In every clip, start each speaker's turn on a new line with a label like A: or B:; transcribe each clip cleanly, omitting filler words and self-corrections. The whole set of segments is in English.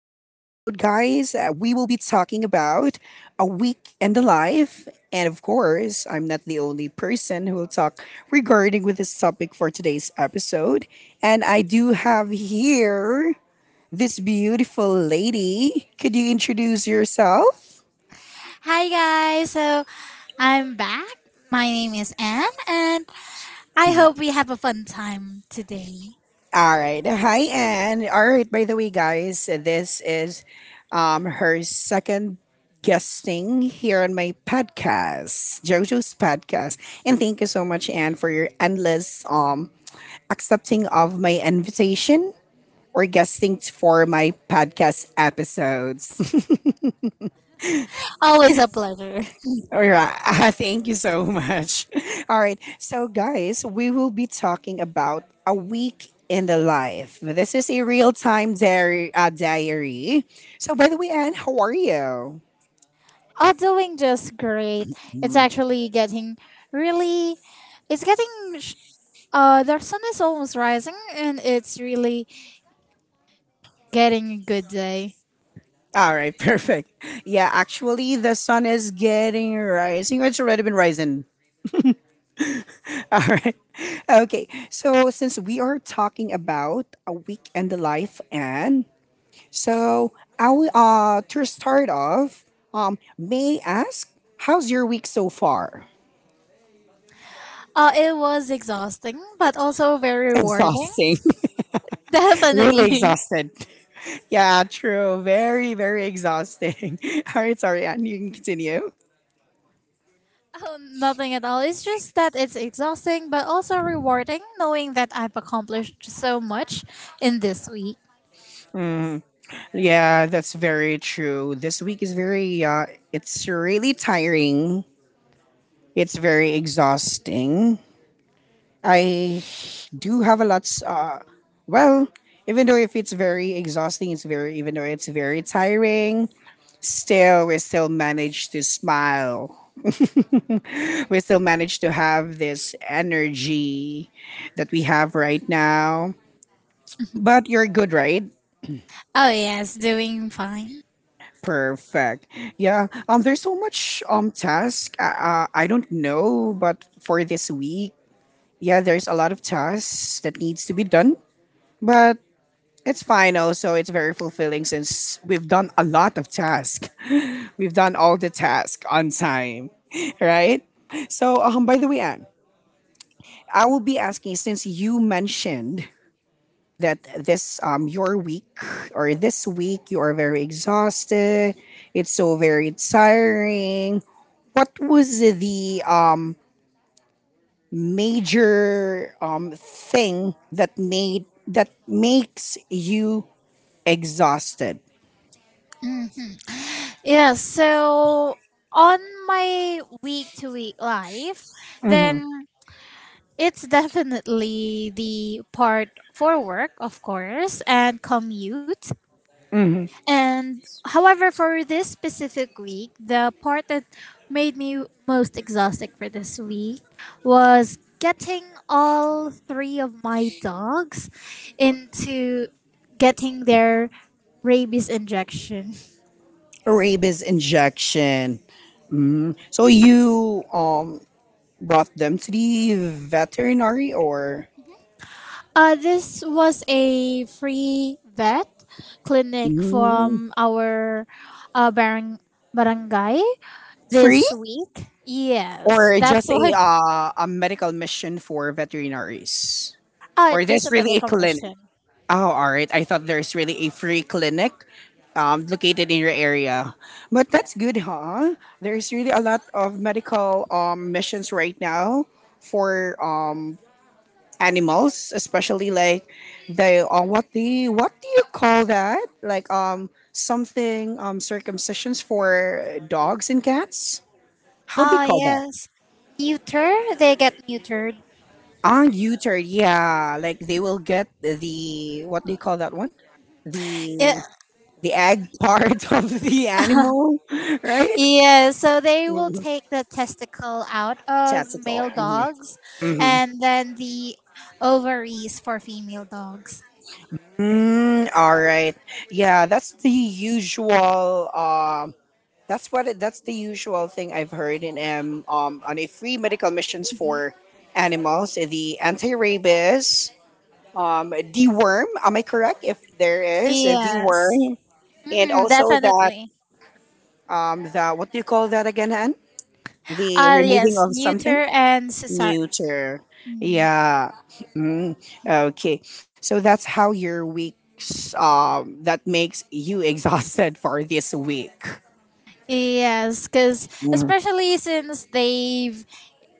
A: guys, we will be talking about a week in the life. And of course, I'm not the only person who will talk regarding with this topic for today's episode. And I do have here this beautiful lady. Could you introduce yourself?
B: Hi guys, so I'm back. My name is Anne, and I hope we have a fun time today.
A: All right. Hi, Anne. All right. By the way, guys, this is her second guesting here on my podcast, JoJo's podcast. And thank you so much, Anne, for your endless accepting of my invitation or guesting for my podcast episodes.
B: Always a pleasure.
A: All right. Thank you so much. All right. So, guys, we will be talking about a week in the life. This is a real time diary, diary. So, by the way, Anne, how are you?
B: Oh, doing just great. It's
A: Mm.
B: actually getting really. It's getting. The sun is almost rising, and it's really getting a good day.
A: All right. Perfect. Yeah. Actually, the sun is getting rising. It's already been rising. All right. Okay. So, since we are talking about a week in the life, Anne, so I will, to start off, may I ask, how's your week so far?
B: It was exhausting, but also very rewarding.
A: Exhausting, really
B: Definitely.
A: exhausted. Yeah, true. Very, very exhausting. All right, sorry, and you can continue.
B: Oh, nothing at all. It's just that it's exhausting, but also rewarding knowing that I've accomplished so much in this week.
A: Yeah, that's very true. This week is very, it's really tiring. It's very exhausting. I do have a lot, well, even though if it's very exhausting, it's very, even though it's very tiring, still we still manage to smile, we still manage to have this energy that we have right now. But you're good, right?
B: Oh, yes, doing fine.
A: Perfect. Yeah, there's so much task, I don't know, but for this week, yeah, there's a lot of tasks that needs to be done. But it's fine, also it's very fulfilling since we've done a lot of tasks. We've done all the tasks on time. Right? So, by the way, Anne, I will be asking, since you mentioned that this your week, or this week, you are very exhausted. It's so very tiring. What was the major thing that makes you exhausted?
B: Mm. Yeah, so on my week to week life,
A: Mm-hmm.
B: then it's definitely the part for work, of course, and commute.
A: Mm-hmm.
B: And however, for this specific week, the part that made me most exhausted for this week was getting all three of my dogs into getting their rabies injection.
A: Rabies injection. Mhm. So you brought them to the veterinary, or
B: This was a free vet clinic
A: Mm,
B: from our uh, barang- barangay
A: free?
B: this week. Yes,
A: Or
B: that's
A: just
B: why.
A: a medical mission for veterinaries, or
B: Just
A: there's
B: a
A: really a
B: medical
A: clinic?
B: mission.
A: Oh, all right, I thought there's really a free clinic located in your area. But that's good, huh? There's really a lot of medical missions right now for animals, especially like they, what do you call that, like something circumcisions for dogs and cats? How do you
B: Ah,
A: call that?
B: yes. Neuter, they get neutered.
A: Untutored, yeah. Like they will get the, what do you call that one?
B: Yeah,
A: The the egg part of the animal, right?
B: yeah, so they will
A: Mhm.
B: take the testicle out of
A: Testicle.
B: male dogs
A: Mm-hmm. Mm-hmm.
B: and then the ovaries for female dogs.
A: Mm, all right. Yeah, that's the usual. That's what. That's the usual thing I've heard in on a free medical missions for animals. The anti-rabies, deworm. Am I correct? If there is a
B: Yes.
A: deworm, and
B: Mhm,
A: also that
B: definitely.
A: the, what do you call that again, Anne? The removing
B: Yes,
A: of something.
B: neuter and cesar.
A: Neuter,
B: Mm.
A: yeah. Mm, okay. So that's how your weeks, that makes you exhausted for this week.
B: Yes, because
A: Mhm.
B: especially since they've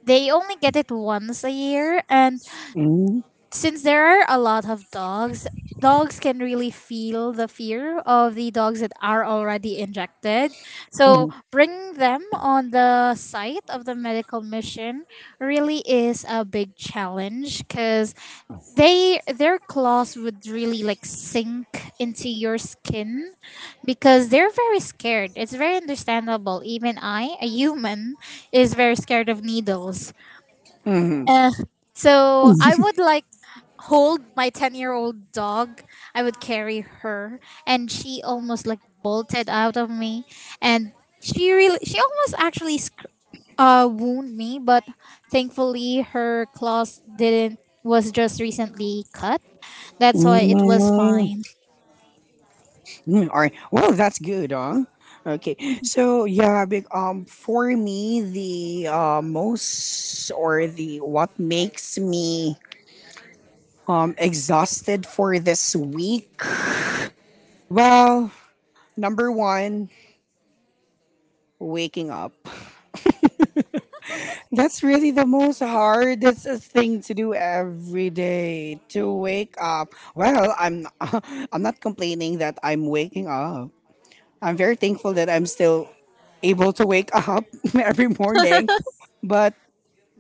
B: they only get it once a year, and
A: Mhm.
B: since there are a lot of dogs, dogs can really feel the fear of the dogs that are already injected. So
A: Mhm.
B: bringing them on the site of the medical mission really is a big challenge because they their claws would really like sink into your skin because they're very scared. It's very understandable. Even I, a human, is very scared of needles.
A: Hmm.
B: Uh, so I would like hold my 10-year-old dog. I would carry her, and she almost like bolted out of me, and she almost actually wound me, but thankfully her claws didn't was just recently cut. That's why it was
A: Mm,
B: fine.
A: mm, all right. Well, that's good, huh? Okay. So yeah, big, for me, the most, or the what makes me exhausted for this week? Well, number 1, waking up. That's really the most hardest thing to do every day, to wake up. Well, I'm I'm not complaining that I'm waking up. I'm very thankful that I'm still able to wake up every morning. But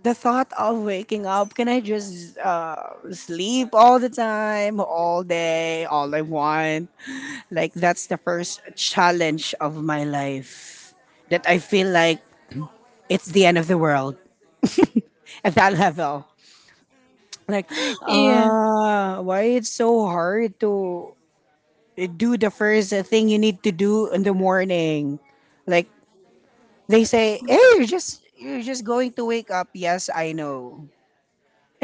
A: the thought of waking up, can I just sleep all the time, all day, all I want? Like, that's the first challenge of my life, that I feel like it's the end of the world at that level. Like,
B: Yeah.
A: ah, why it's so hard to do the first thing you need to do in the morning? Like, they say, hey, you're just. You're just going to wake up. Yes, I know.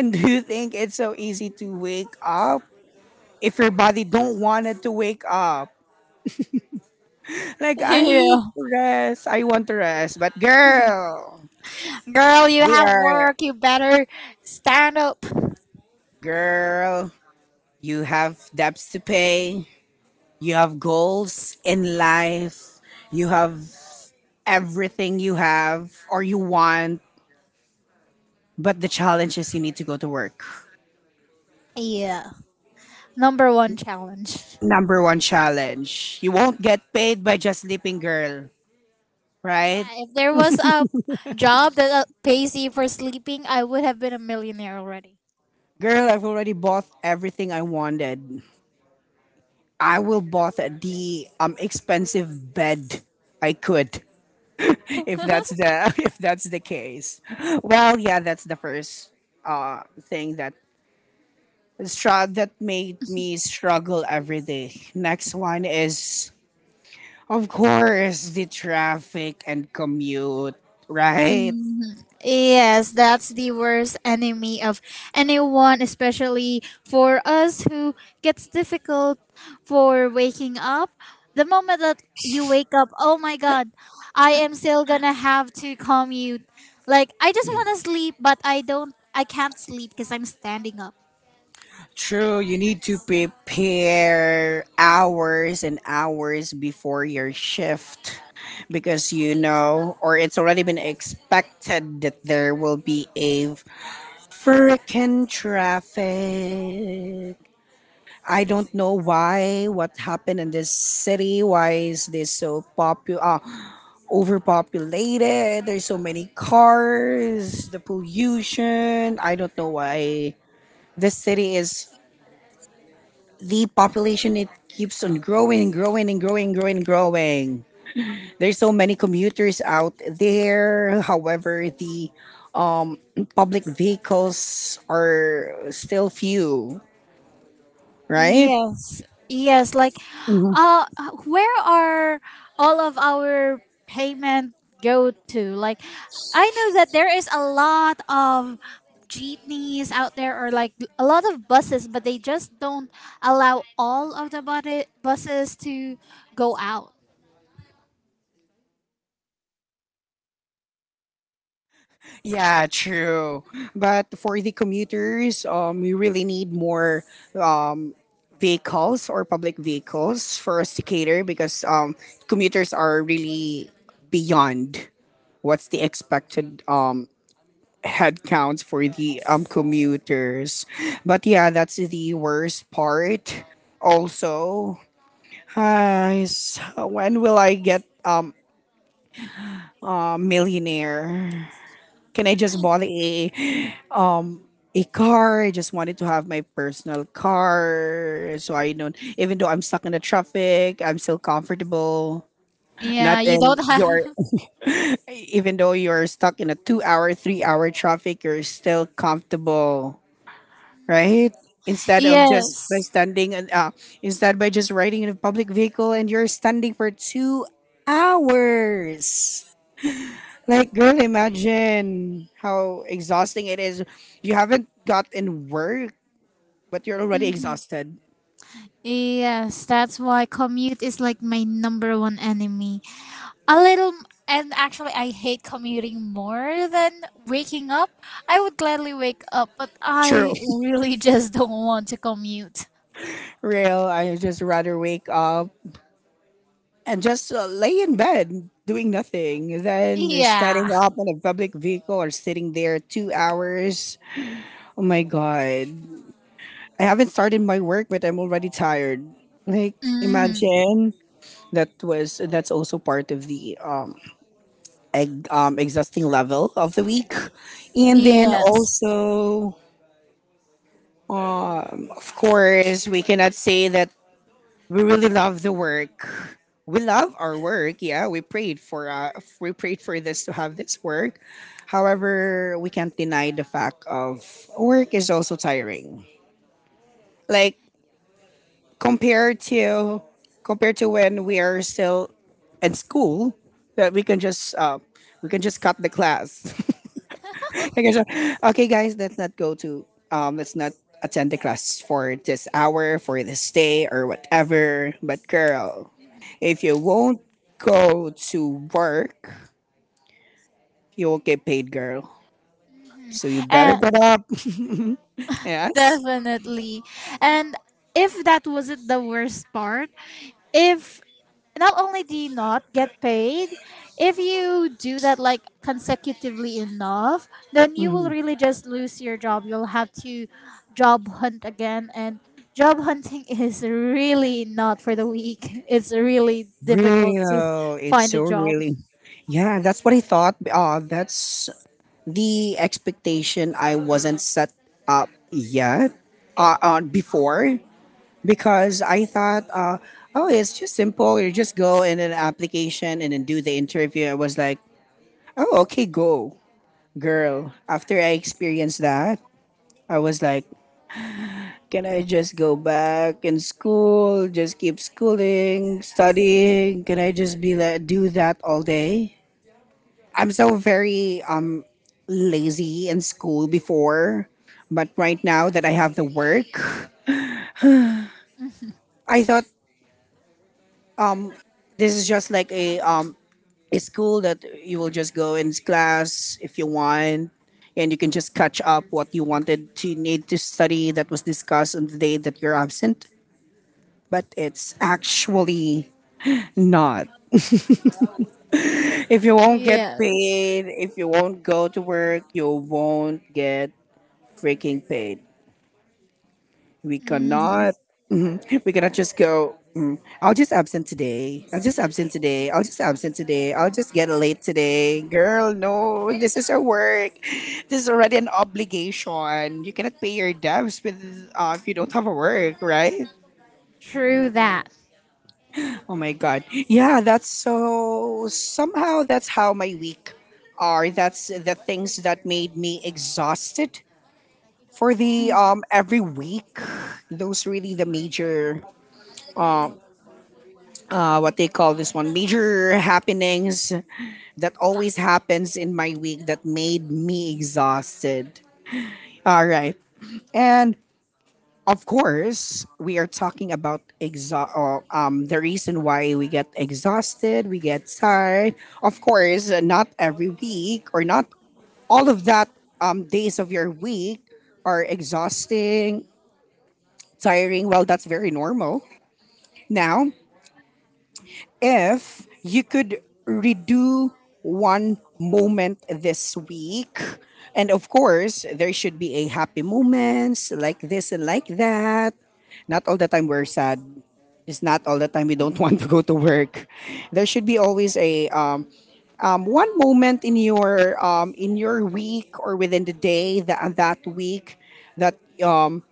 A: And do you think it's so easy to wake up if your body don't want it to wake up? Like, I need
B: Yeah.
A: to rest. I want to rest. But girl,
B: Girl, you
A: we
B: have
A: are
B: work. You better stand up.
A: girl, you have debts to pay. You have goals in life. You have everything you have or you want. But the challenge is you need to go to work.
B: Yeah. Number one challenge.
A: Number one challenge. You won't get paid by just sleeping, girl. Right?
B: Yeah, if there was a job that pays you for sleeping, I would have been a millionaire already.
A: Girl, I've already bought everything I wanted. I will bought the expensive bed I could, if that's the if that's the case. Well, yeah, that's the first thing that that made me struggle every day. Next one is, of course, the traffic and commute, right?
B: Mhm. Yes, that's the worst enemy of anyone, especially for us who gets difficult for waking up. The moment that you wake up, oh my god, I am still gonna have to commute. Like, I just wanna sleep, but I don't, I can't sleep because I'm standing up.
A: True, you need to prepare hours and hours before your shift, because you know, or it's already been expected that there will be a freaking traffic. I don't know why, what happened in this city, why is this so popular? Overpopulated, there's so many cars, the pollution. I don't know why this city is, the population it keeps on growing and growing and growing and growing and growing. There's so many commuters out there. However, the um public vehicles are still few, right?
B: Yes, yes. Like, uh, where are all of our payment go to? Like, I know that there is a lot of jeepneys out there, or like a lot of buses, but they just don't allow all of buses to go out.
A: Yeah, true. But for the commuters, we really need more vehicles, or public vehicles for us to cater, because commuters are really beyond what's the expected headcount for the commuters. But yeah, that's the worst part. Also, guys, when will I get a millionaire? Can I just bought a car? I just wanted to have my personal car, so I don't. Even though I'm stuck in the traffic, I'm still comfortable. Not
B: Yeah, you don't
A: in your
B: have.
A: even though you're stuck in a 2 hour, 3 hour traffic, you're still comfortable,
B: Mhm.
A: right? Instead of just by
B: Yes.
A: standing and instead by just riding in a public vehicle and you're standing for 2 hours. Like, girl, imagine how exhausting it is. You haven't gotten work, but you're already
B: Hmm.
A: exhausted.
B: Yes, that's why commute is like my number one enemy. A little and actually, I hate commuting more than waking up. I would gladly wake up, but
A: True.
B: I really just don't want to commute.
A: Real, I just rather wake up and just lay in bed doing nothing than standing
B: Yeah.
A: up in a public vehicle or sitting there 2 hours. Oh my God. I haven't started my work, but I'm already tired. Like,
B: Hmm.
A: imagine that's also part of the egg, exhausting level of the week, and then
B: Yes.
A: also, of course, we cannot say that we really love the work. We love our work. Yeah, we prayed for this to have this work. However, we can't deny the fact of work is also tiring. Like, compared to compared to when we are still at school, that we can just cut the class. We can just, okay, guys, let's not go to let's not attend the class for this hour, for this day, or whatever. But girl, if you won't go to work, you won't get paid, girl.
B: Hmm.
A: So you better
B: And
A: get up. Yes.
B: definitely, and if that wasn't the worst part, if not only do you not get paid, if you do that like consecutively enough, then you will
A: Mm,
B: really just lose your job. You'll have to job hunt again, and job hunting is really not for the weak. It's really difficult to
A: real. It's
B: find a
A: so
B: job.
A: really. Yeah, that's what I thought. That's the expectation I wasn't set up yet on before, because I thought, oh, it's just simple. You just go in an application and then do the interview. I was like, oh, okay, go, girl. After I experienced that, I was like, can I just go back in school? Just keep schooling, studying? Can I just be like do that all day? I'm so very lazy in school before, but right now that I have the work, I thought this is just like a school that you will just go in class if you want, and you can just catch up what you wanted to need to study that was discussed on the day that you're absent. But it's actually not. If you won't get
B: Yes.
A: paid, if you won't go to work, you won't get freaking paid. We
B: Mhm.
A: cannot. Mhm, we cannot just go. Mm, I'll just absent today. I'll just absent today. I'll just absent today. I'll just get late today. Girl, no. This is a work. This is already an obligation. You cannot pay your debts with if you don't have a work, right?
B: True that.
A: Oh my god. Yeah, that's, so somehow that's how my week are. That's the things that made me exhausted for the every week. Those really the major what they call this one, major happenings that always happens in my week that made me exhausted. All right. And of course, we are talking about the reason why we get exhausted, we get tired. Of course, not every week, or not all of that days of your week are exhausting, tiring. Well, that's very normal. Now, if you could redo one moment this week, and of course there should be a happy moments like this and like that, not all the time we're sad, it's not all the time we don't want to go to work, there should be always a one moment in your week or within the day that that week that um,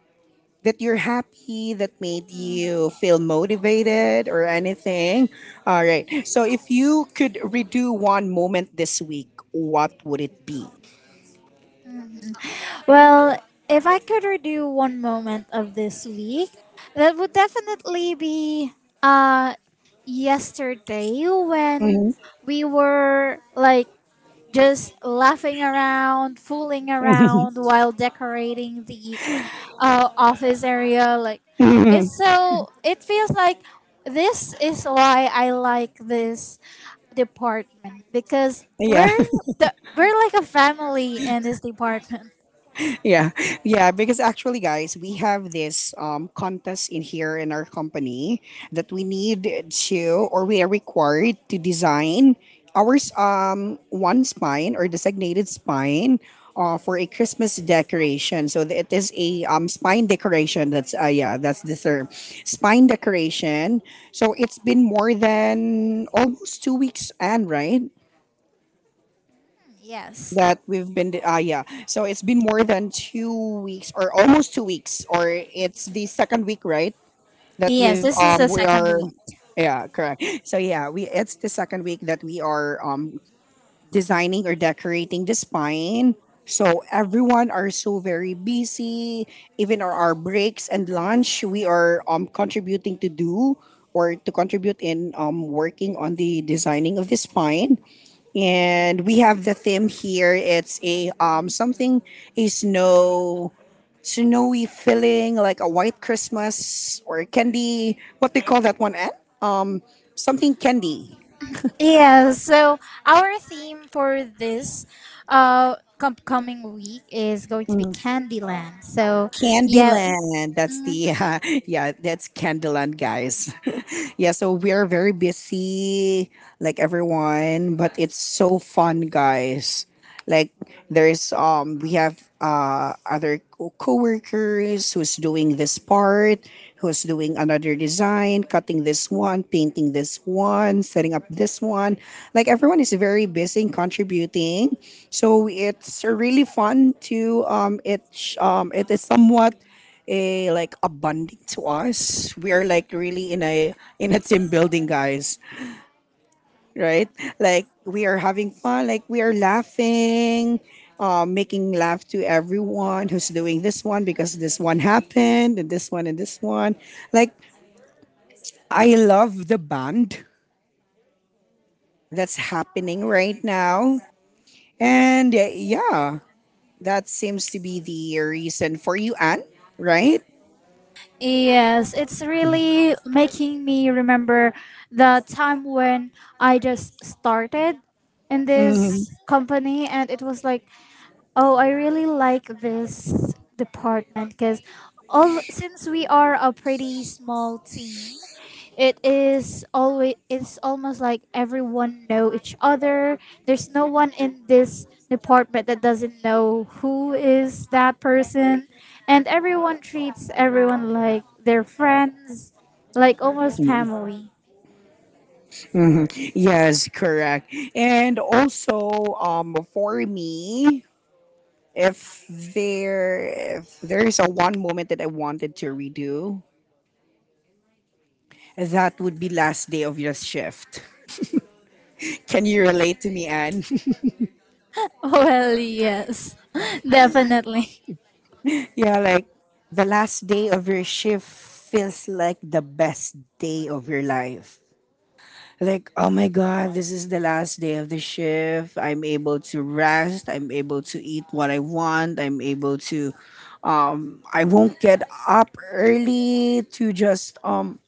A: that you're happy that made you feel motivated or anything. All right. So if you could redo one moment this week, what would it be?
B: Well, if I could redo one moment of this week, that would definitely be uh yesterday, when
A: Mhm.
B: we were like just laughing around, fooling around while decorating the office area. Like, it's so it feels like this is why I like this department, because
A: Yeah.
B: we're like a family in this department.
A: Yeah, yeah, because actually guys we have this contest in here in our company that we need to, or we are required to design ours one spine or designated spine, for a Christmas decoration, so it is a spine decoration. That's yeah, that's the term, spine decoration. So it's been more than almost 2 weeks, and right,
B: Yes.
A: that we've been yeah, so it's been more than 2 weeks or almost 2 weeks, or it's the second week, right, that
B: Yes, this is the
A: we
B: second
A: are
B: week.
A: yeah, correct, so yeah, we it's the second week that we are designing or decorating the spine. So everyone are so very busy, even our breaks and lunch we are contributing to do, or to contribute in working on the designing of the spine. And we have the theme here. It's a something, a snowy feeling, like a white Christmas or candy. What they call that one? Ann? Um, something candy.
B: Yeah, so our theme for this coming week is going to be
A: Mm,
B: Candyland. So, yeah.
A: Candyland. That's the yeah. That's Candyland, guys. Yeah, so we are very busy, like everyone, but it's so fun, guys. Like, there's we have other coworkers who's doing this part, who's doing another design, cutting this one, painting this one, setting up this one. Like, everyone is very busy and contributing. So it's really fun to it is somewhat a, like a bonding to us. We are like really in a, in a team building, guys. Right? Like, we are having fun. Like, we are laughing, making laugh to everyone who's doing this one because this one happened and this one and this one. Like, I love the band that's happening right now, and yeah, that seems to be the reason for you, Anne. Right?
B: Yes, it's really making me remember the time when I just started in
A: Mhm.
B: this company, and it was like, oh, I really like this department because all since we are a pretty small team, it is always it's almost like everyone know each other. There's no one in this department that doesn't know who is that person, and everyone treats everyone like their friends, like almost family.
A: Yes, correct. And also, for me, if if there is a one moment that I wanted to redo, that would be last day of your shift. Can you relate to me, Anne?
B: Well, yes, definitely.
A: Yeah, like the last day of your shift feels like the best day of your life. Like, oh my God, this is the last day of the shift. I'm able to rest. I'm able to eat what I want. I'm able to I won't get up early to just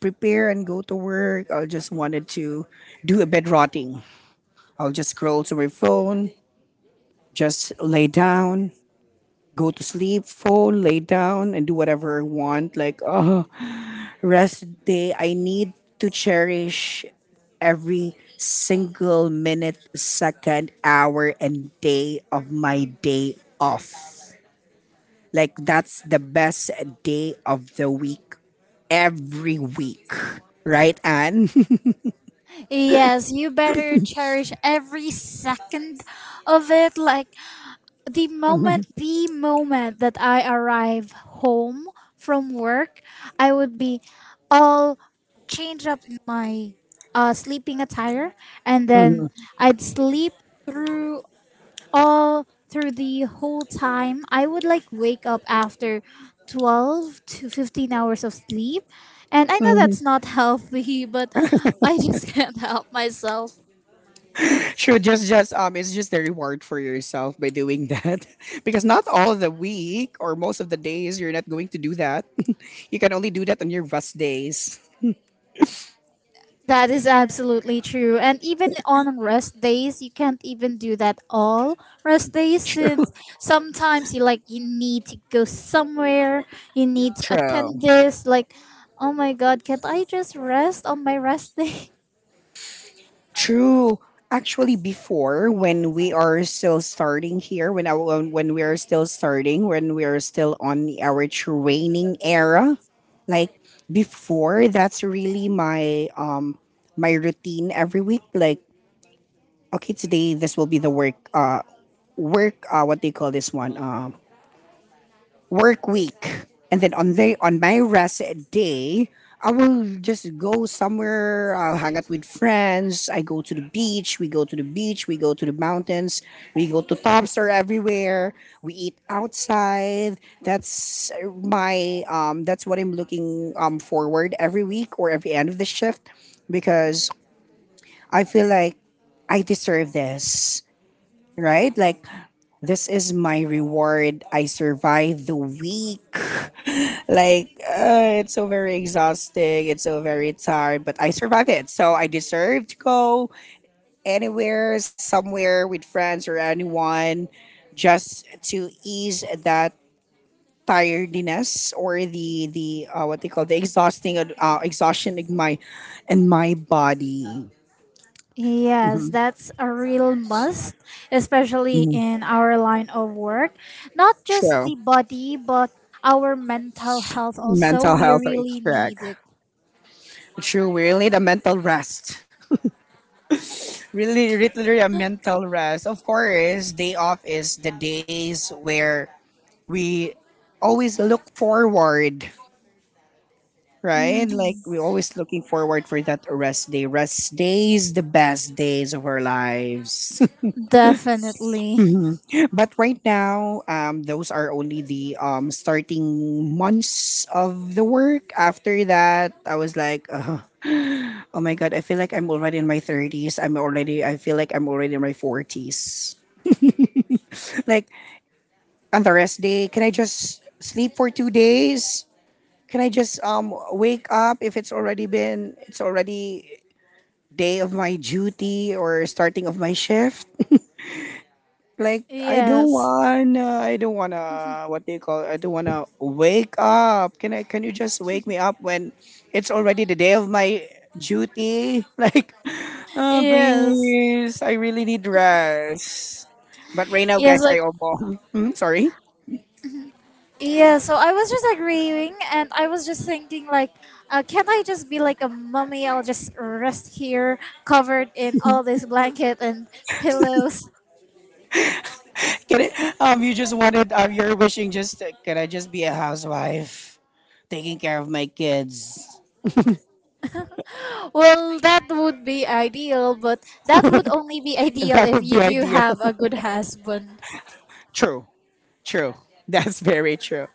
A: prepare and go to work. I just wanted to do a bed rotting. I'll just scroll to my phone, just lay down, go to sleep, phone, lay down and do whatever I want. Like, oh, rest day. I need to cherish every single minute, second, hour and day of my day off. Like, that's the best day of the week every week. Right, Anne?
B: Yes, you better cherish every second of it. Like, the
A: Mhm,
B: moment, the moment that I arrive home from work, I would be all change up in my sleeping attire, and then
A: mhm,
B: I'd sleep through all through the whole time. I would like wake up after 12 to 15 hours of sleep, and I know
A: mhm.
B: that's not healthy, but I just can't help myself.
A: Sure, just it's just a reward for yourself by doing that. Because not all the week or most of the days you're not going to do that. You can only do that on your rest days.
B: That is absolutely true, and even on rest days you can't even do that all rest days,
A: True.
B: since sometimes you need to go somewhere. You need to attend
A: True.
B: this, like, oh my god, can't I just rest on my rest day?
A: True. Actually, before when we are still starting here, when we are still starting, when we are still on our training era, like before, that's really my my routine every week. Like, okay, today this will be the work what do you call this one, work week. And then on the on my rest day, I will just go somewhere. I'll hang out with friends. I go to the beach. We go to the beach. We go to the mountains. We go to tops are everywhere. We eat outside. That's what I'm looking forward every week or every end of the shift, because I feel like I deserve this, right? Like, this is my reward. I survived the week. Like, it's so very exhausting. It's so very tired, but I survived it. So I deserve to go anywhere, somewhere with friends or anyone, just to ease that tiredness or the what they call the exhausting exhaustion in my, in my body.
B: Yes,
A: Mhm.
B: that's a real must, especially
A: Mhm.
B: in our line of work. Not just
A: So
B: the body, but our mental health also.
A: mental
B: We
A: health, okay,
B: really
A: correct.
B: need it.
A: True, we really need a mental rest. Really, literally a mental rest. Of course, day off is the days where we always look forward, right? Like,
B: Hmm.
A: we're always looking forward for that rest day. Rest days, the best days of our lives.
B: Definitely.
A: But right now, those are only the starting months of the work. After that, I was like, oh my god, I feel like I'm already in my 30s. I feel like I'm already in my 40s. Like, on the rest day, can I just sleep for 2 days? Can I just wake up if it's already been it's already day of my duty or starting of my shift? Like, I don't
B: Yes.
A: wanna, I don't wanna. What do you call? I don't wanna wake up. Can I? Can you just wake me up when it's already the day of my duty? Like,
B: Yes.
A: please, I really need rest. But right now,
B: Yes,
A: guys,
B: like,
A: I almost. Mm, sorry.
B: yeah, so I was just agreeing, and I was just thinking like, can't I just be like a mummy? I'll just rest here covered in all this blanket and pillows.
A: Can I, you just wanted. You're wishing. Just can I just be a housewife, taking care of my kids?
B: Well, that would be ideal, but that would only be ideal
A: That
B: if
A: would
B: you
A: be
B: do
A: ideal.
B: have a good husband.
A: True. True. That's very true.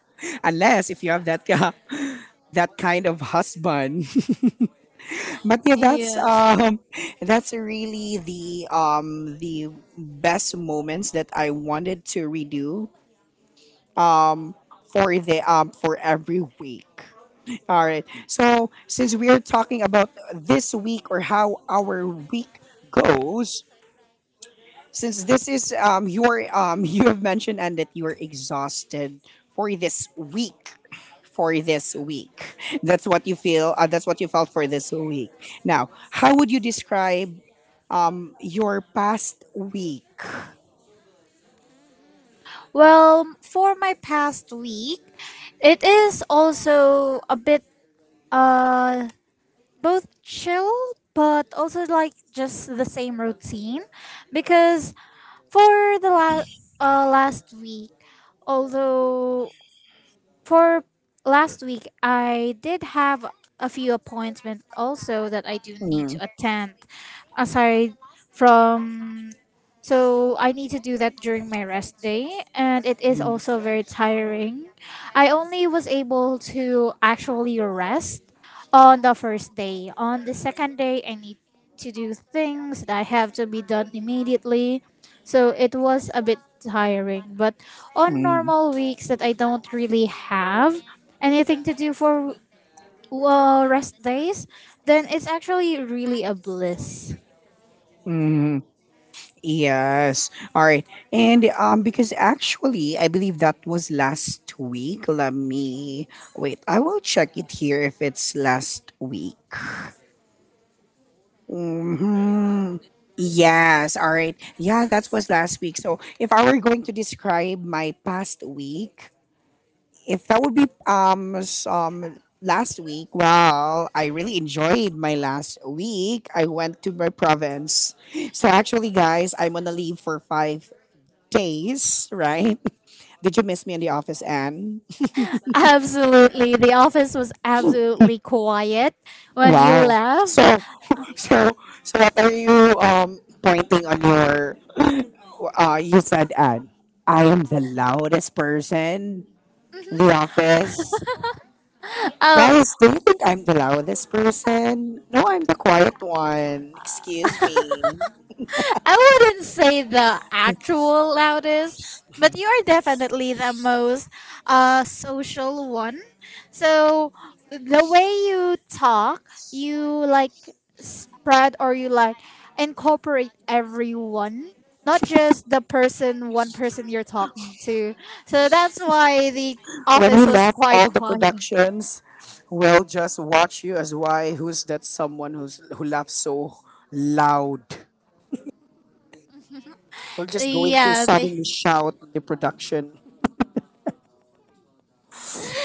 A: Unless if you have that that kind of husband. But yeah,
B: Yes.
A: that's really the best moments that I wanted to redo for the for every week. All right. So since we are talking about this week or how our week goes, since this is your you have mentioned and that you are exhausted for this week, for this week that's what you feel that's what you felt for this week, now how would you describe your past week?
B: Well, for my past week, it is also a bit uh both chill but also like just the same routine, because for the last week, although For last week, I did have a few appointments also that I do need
A: Mm,
B: to attend. Aside from, so I need to do that during my rest day, and it is
A: mm,
B: also very tiring. I only was able to actually rest on the first day. On the second day, I need to do things that have to be done immediately. So it was a bit tiring. But on
A: mm,
B: normal weeks that I don't really have anything to do for rest days, then it's actually really a bliss.
A: mm. Yes. All right. And because actually I believe that was last week. Let me wait. I will check it here if it's last week. Mhm. Yes, all right. Yeah, that was last week. So if I were going to describe my past week, if that would be some last week, well, I really enjoyed my last week. I went to my province. So actually, guys, I'm on a leave for 5 days, right? Did you miss me in the office, Anne?
B: Absolutely. The office was absolutely quiet when you
A: Wow.
B: left.
A: So so what are you pointing on your you said, Anne, I am the loudest person in the office.
B: Oh,
A: Guys, do you think I'm the loudest person? No, I'm the quiet one. Excuse me.
B: I wouldn't say the actual loudest, but you are definitely the most social one. So the way you talk, you like spread or you like incorporate everyone, not just the person, one person you're talking to. So that's why the
A: When
B: office
A: we
B: was
A: left
B: quite
A: all the
B: quiet.
A: productions, we'll just watch you as why who's that someone who laughs so loud. We're just going to
B: Yeah,
A: suddenly shout the production.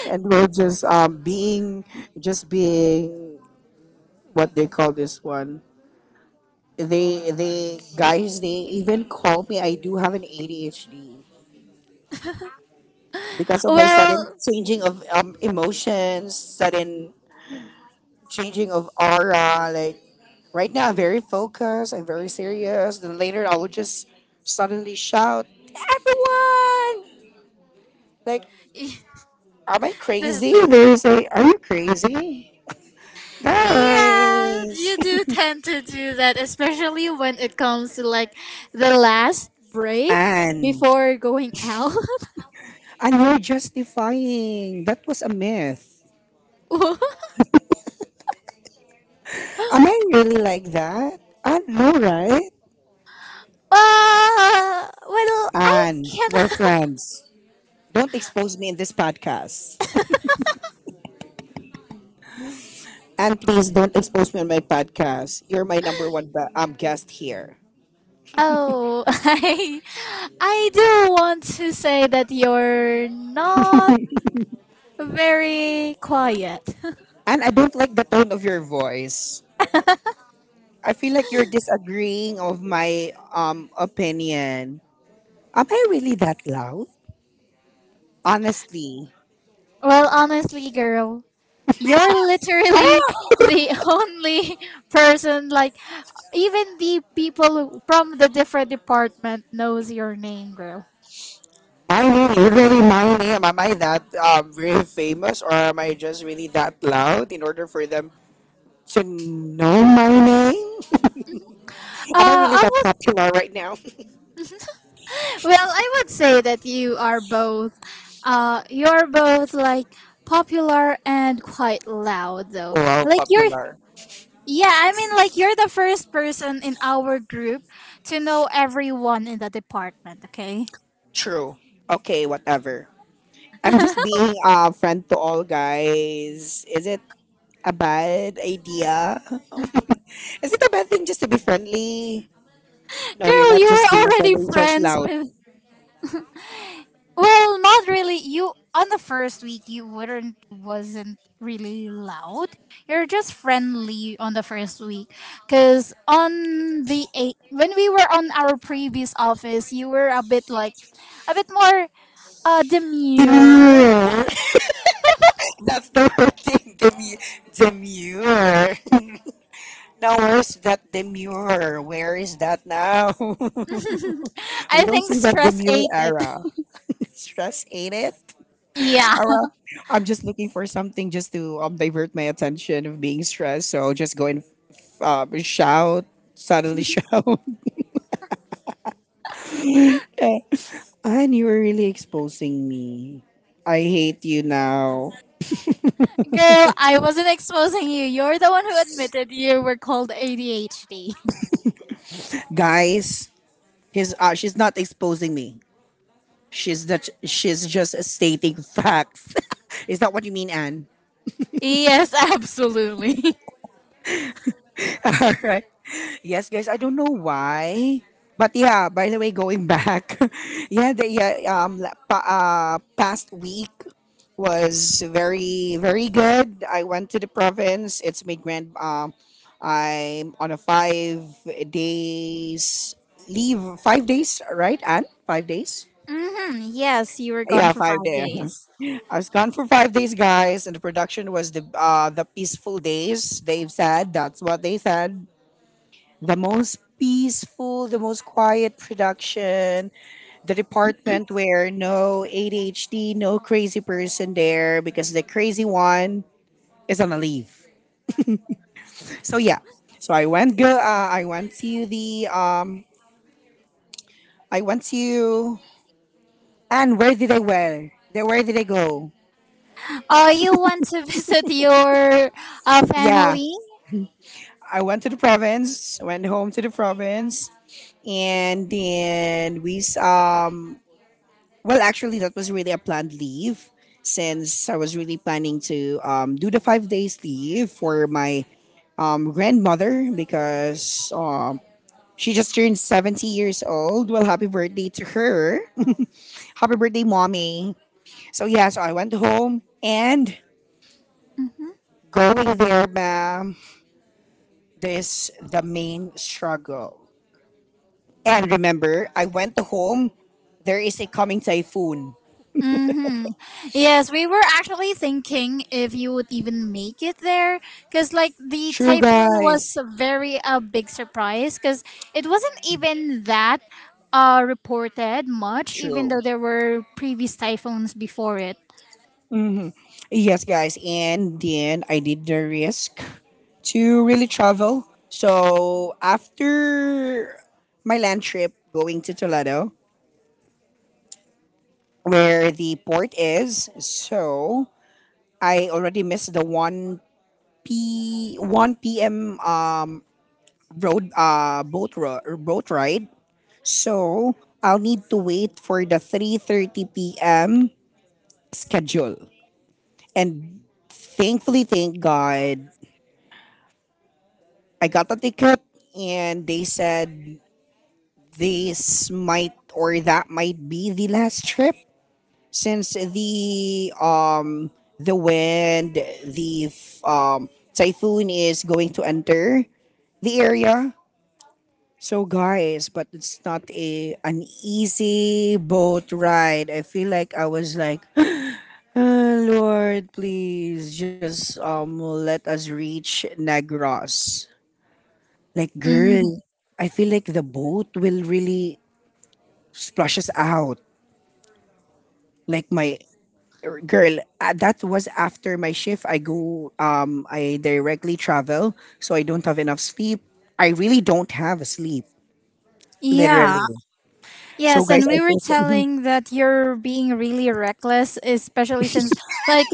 A: And we're just being, just being, what they call this one. They guys they even call me I do have an ADHD because of my sudden
B: well,
A: changing of emotions, sudden changing of aura. Like, right now, I'm very focused. I'm very serious. Then later, I will just suddenly shout, "Everyone!" Like, am I crazy? They
B: definitely.
A: will say, "Are you crazy?"
B: Yeah,
A: Guys,
B: you do tend to do that, especially when it comes to like the last break
A: and
B: before going out.
A: and you're justifying. That was a myth.
B: uh,
A: Am I really like that? I know, right?
B: well, I
A: Anne, we're
B: cannot.
A: friends. Don't expose me in this podcast. And please don't expose me on my podcast. You're my number one guest here.
B: Oh, I do want to say that you're not very quiet.
A: And I don't like the tone of your voice. I feel like you're disagreeing of my opinion. Am I really that loud? Honestly.
B: Well, honestly, girl, you're literally the only person like even the people from the different department knows your name, girl.
A: Oh, my name, literally my name. Am I that really famous or am I just really that loud in order for them to know my name? Am I really
B: I
A: that
B: would
A: popular right now?
B: well, I would say that you are both, you're both like popular and quite loud though.
A: Wow,
B: Like
A: popular.
B: yeah, I mean, like you're the first person in our group to know everyone in the department. Okay,
A: True. Okay, whatever. I'm just being a friend to all guys. Is it a bad idea? Is it a bad thing just to be friendly? No, you're
B: girl,
A: not
B: you
A: just
B: were
A: being a
B: already
A: friendly, you're just
B: friends
A: loud.
B: with. Well, not really. You on the first week you wouldn't wasn't really loud. You're just friendly on the first week, cuz on the eight, when we were on our previous office, you were a bit more demure.
A: Demure. That's the word thing. Demure. Now, where's that demure? Where is that now? We
B: I
A: don't
B: think
A: see that
B: stress
A: demure
B: ate it.
A: era. Stress ate it.
B: Yeah.
A: Around, I'm just looking for something just to divert my attention of being stressed. So I'll just go and shout, suddenly shout. Eh, and you were really exposing me. I hate you now,
B: Girl, I wasn't exposing you. You're the one who admitted you were called ADHD.
A: guys. He's she's not exposing me. She's just stating facts. Is that what you mean, Anne?
B: Yes, absolutely.
A: Alright. Yes, guys, I don't know why. But yeah, by the way, going back, yeah, the yeah, la- pa- past week was very, very good. I went to the province. I'm on a 5 days leave, 5 days, right? And 5 days?
B: Mm-hmm. Yes, you were gone
A: Yeah,
B: for
A: five
B: five
A: days.
B: days.
A: I was gone for 5 days, guys, and the production was the peaceful days. They've said that's what they said the most peaceful, the most quiet production, the department where no ADHD, no crazy person there because the crazy one is on a leave. So yeah, so I went go. I went to the. I went to and where did I wear? Then where did I go?
B: You want to visit your
A: Yeah,
B: family?
A: I went to the province. Went home to the province, and then well, actually, that was really a planned leave since I was really planning to do the 5 days leave for my grandmother because she just turned 70 years old. Well, happy birthday to her. Happy birthday, mommy. So, yeah, so I went home and
B: Mm-hmm.
A: going there, ma'am, this the main struggle. And remember, I went to home. There is a coming typhoon.
B: Mm-hmm. Yes, we were actually thinking if you would even make it there. Because, like, the
A: True,
B: typhoon
A: guys.
B: was a very big surprise. Because it wasn't even that reported much, even though
A: True.
B: there were previous typhoons before it.
A: Hmm. Yes, guys. And then I did the risk to really travel. So after my land trip going to Toledo, where the port is, so I already missed the 1 p 1 p.m. Road boat ro- or boat ride. So I'll need to wait for the 3:30 p.m. schedule. And thankfully, thank God, I got a ticket and they said this might or that might be the last trip since the typhoon is going to enter the area. So guys, but it's not a an easy boat ride. I feel like I was like, "Ah, Lord, please just let us reach Negros. Like, girl,
B: Mm-hmm.
A: I feel like the boat will really splash us out. Like my girl, that was after my shift. I directly travel, so I don't have enough sleep. I really don't have a sleep,
B: Yeah.
A: literally. So,
B: Yes,
A: guys,
B: and
A: I
B: we were
A: feel so.
B: telling that you're being really reckless, especially since, like,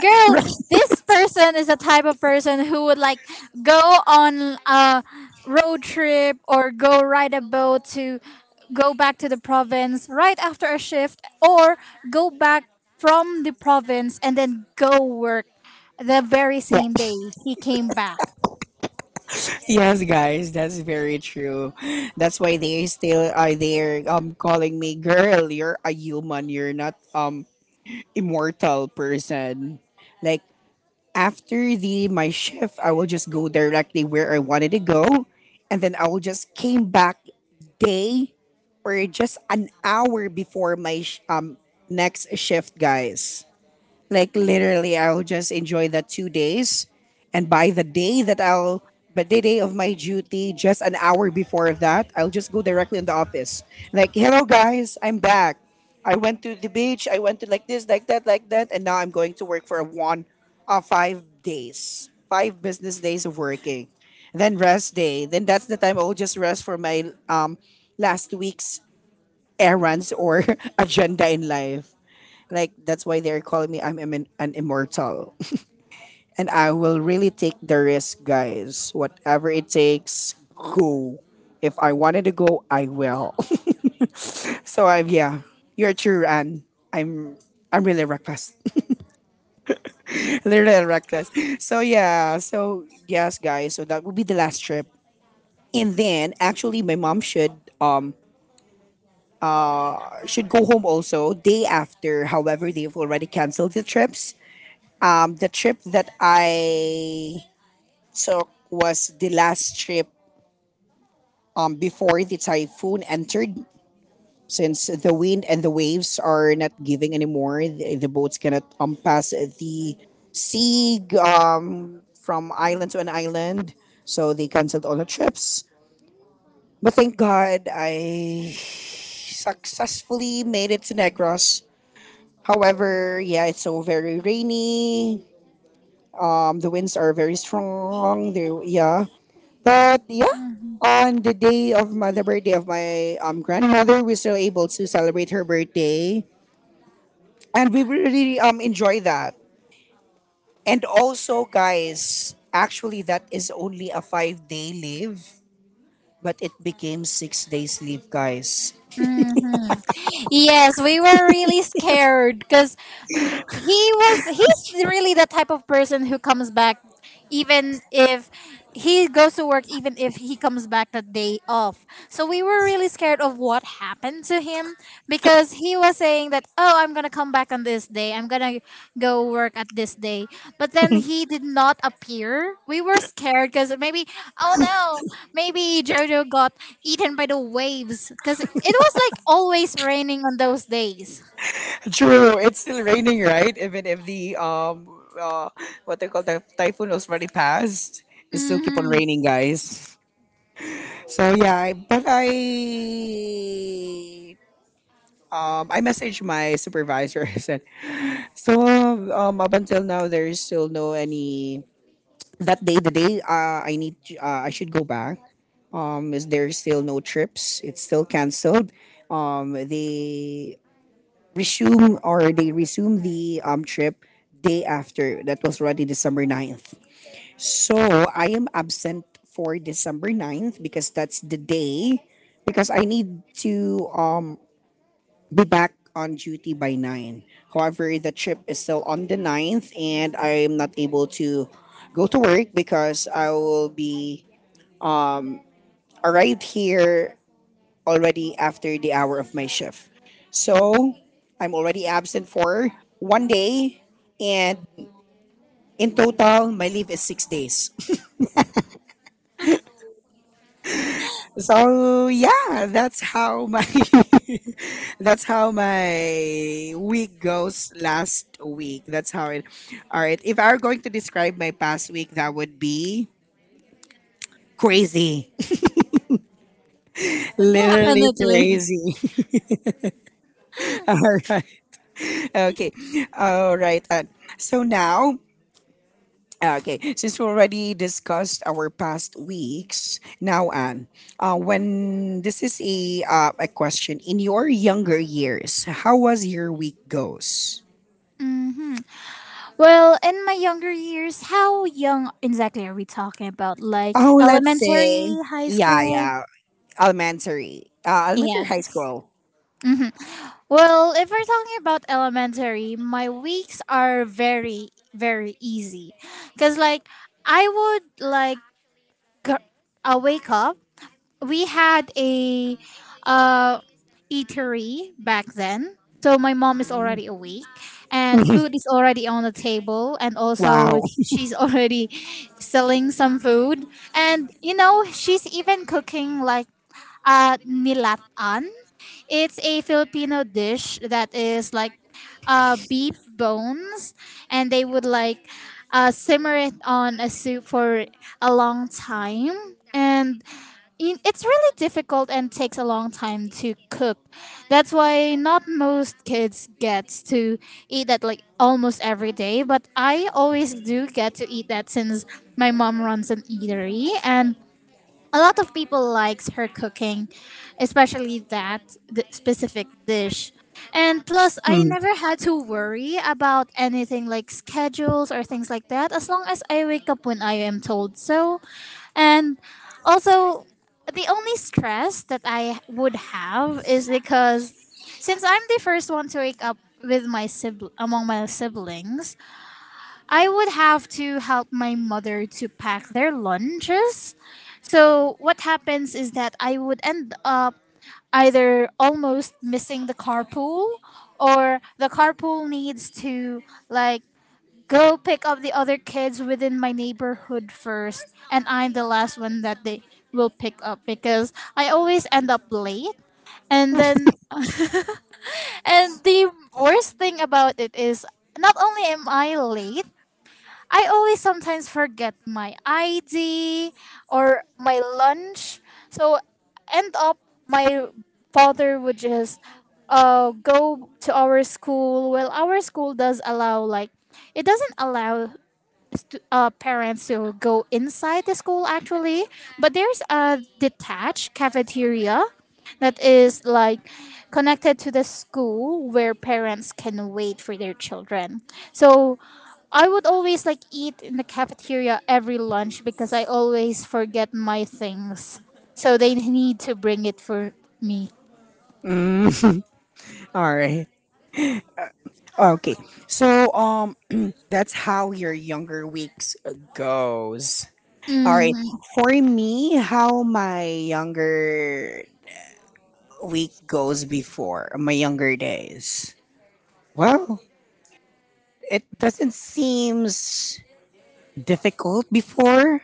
B: girl, this person is the type of person who would like go on a road trip or go ride a boat to go back to the province right after a shift, or go back from the province and then go work the very same day he came back.
A: Yeah. Yes, guys, that's very true. That's why they still are there, calling me, girl. You're a human. You're not immortal person. Like after the my shift, I will just go directly where I wanted to go, and then I will just came back day or just an hour before my next shift, guys. Like literally, I'll just enjoy the 2 days, and by the day that I'll, but the day of my duty, just an hour before that, I'll just go directly in the office. Like, hello guys, I'm back. I went to the beach. I went to like this, like that, and now I'm going to work for a 5 days, 5 business days of working, then rest day. Then that's the time I'll just rest for my last week's errands or agenda in life. Like that's why they're calling me I'm an immortal. And I will really take the risk, guys. Whatever it takes, go. If I wanted to go, I will. So I'm yeah. You're true and I'm I'm really reckless. Literally reckless. So yeah, so yes guys, so that will be the last trip. And then actually my mom uh, should go home also day after. However, they've already canceled the trips. The trip that I took was the last trip before the typhoon entered. Since the wind and the waves are not giving anymore, the boats cannot pass the sea from island to an island. So they canceled all the trips. But thank God I successfully made it to Negros. However, yeah, it's so very rainy. The winds are very strong. There, yeah. But yeah, on the day of the birthday of my grandmother, we were able to celebrate her birthday, and we really really, enjoy that. And also, guys, actually, that is only a 5 day leave, but it became 6 days leave, guys.
B: Mm-hmm. Yes, we were really scared because he's really the type of person who comes back even if he goes to work, even if he comes back the day off. So we were really scared of what happened to him, because he was saying that, oh, I'm gonna come back on this day, I'm gonna go work at this day, but then he did not appear. We were scared, because maybe, oh no, maybe Jojo got eaten by the waves, because it was like always raining on those days.
A: True, it's still raining, right? Even if the uh, what they call the typhoon was already passed, it still keep on
B: Mm-hmm.
A: raining, guys. So yeah, I- but I messaged my supervisor. I said, "So up until now, there is still no any that day. The day I should go back. Is there still no trips? It's still canceled. They resume the trip day after. That was already December 9. So I am absent for December 9 because that's the day because I need to be back on duty by 9. However, the trip is still on the 9th, and I'm not able to go to work because I will be arrived here already after the hour of my shift. So, I'm already absent for one day and in total my leave is 6 days. So, yeah, that's how my that's how my week goes last week. That's how it. All right. If I were going to describe my past week, that would be crazy. Literally
B: Definitely.
A: crazy. All right. Okay. All right. And so now, okay, since we already discussed our past weeks, now, Anne, when this is a question, in your younger years, how was your week goes?
B: Mm-hmm. Well, in my younger years, how young exactly are we talking about? Like,
A: Oh, let's say,
B: elementary, high
A: yeah,
B: school?
A: yeah, elementary. Elementary high
B: Yes.
A: school.
B: Mm-hmm. Well, if we're talking about elementary, my weeks are very, very easy. Because, like, I would, like, gr- wake up, we had a uh, eatery back then. So my mom is
A: Mm.
B: already awake, and food is already on the table, and also
A: Wow.
B: she's already selling some food, and you know she's even cooking like nilatan. It's a Filipino dish that is like beef bones, and they would like simmer it on a soup for a long time. And it's really difficult and takes a long time to cook. That's why not most kids get to eat that like almost every day, but I always do get to eat that since my mom runs an eatery and a lot of people likes her cooking, especially that the specific dish. And plus, I
A: Mm.
B: never had to worry about anything like schedules or things like that as long as I wake up when I am told so. And also, the only stress that I would have is because since I'm the first one to wake up with my among my siblings, I would have to help my mother to pack their lunches. So what happens is that I would end up either almost missing the carpool or the carpool needs to like go pick up the other kids within my neighborhood first, and I'm the last one that they will pick up because I always end up late. And then and the worst thing about it is not only am I late, I always sometimes forget my ID or my lunch. So end up my father would just go to our school. Well, our school does allow like it doesn't allow parents to go inside the school actually, but there's a detached cafeteria that is like connected to the school where parents can wait for their children. So I would always like eat in the cafeteria every lunch because I always forget my things. So they need to bring it for me.
A: Mm. All right. Okay. So that's how your younger weeks goes. All
B: hmm
A: right. For me, how my younger week goes before my younger days. Well, it doesn't seem difficult before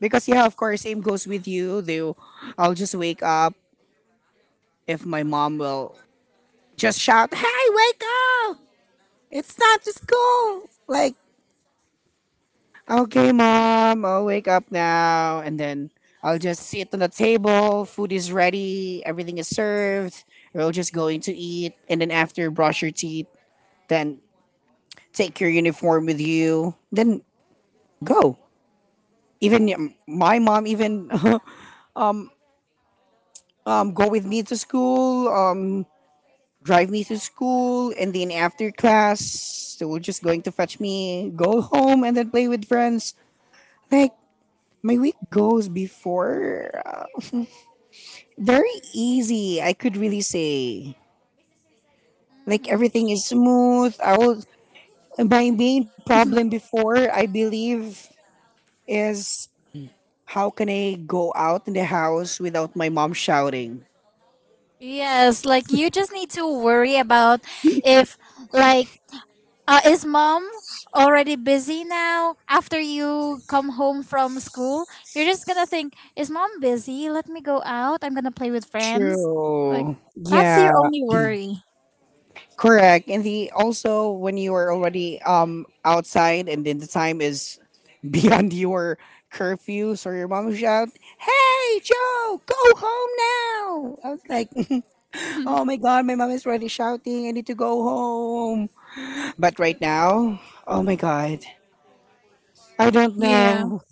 A: because yeah, of course, same goes with you. Though I'll just wake up if my mom will just shout, "Hey, wake up! It's time to school!" Like, okay, mom, I'll wake up now, and then I'll just sit on the table. Food is ready, everything is served. We're just going to eat, and then after, brush your teeth, then take your uniform with you, then go. Even my mom even um go with me to school. Drive me to school, and then after class, they were just going to fetch me, go home, and then play with friends. Like, my week goes before very easy, I could really say. Like, everything is smooth. I was, my main problem before, I believe, is how can I go out in the house without my mom shouting?
B: Yes, like you just need to worry about if like is mom already busy now after you come home from school? You're just gonna think, is mom busy? Let me go out. I'm gonna play with friends. Like,
A: True.
B: that's
A: Yeah.
B: your only worry.
A: Correct. And the also when you are already outside and then the time is beyond your curfew, so your mom will shout, "Hey Joe, go home now." I was like, "Oh my god, my mom is already shouting, I need to go home." But right now, oh my god. I don't
B: Yeah.
A: know.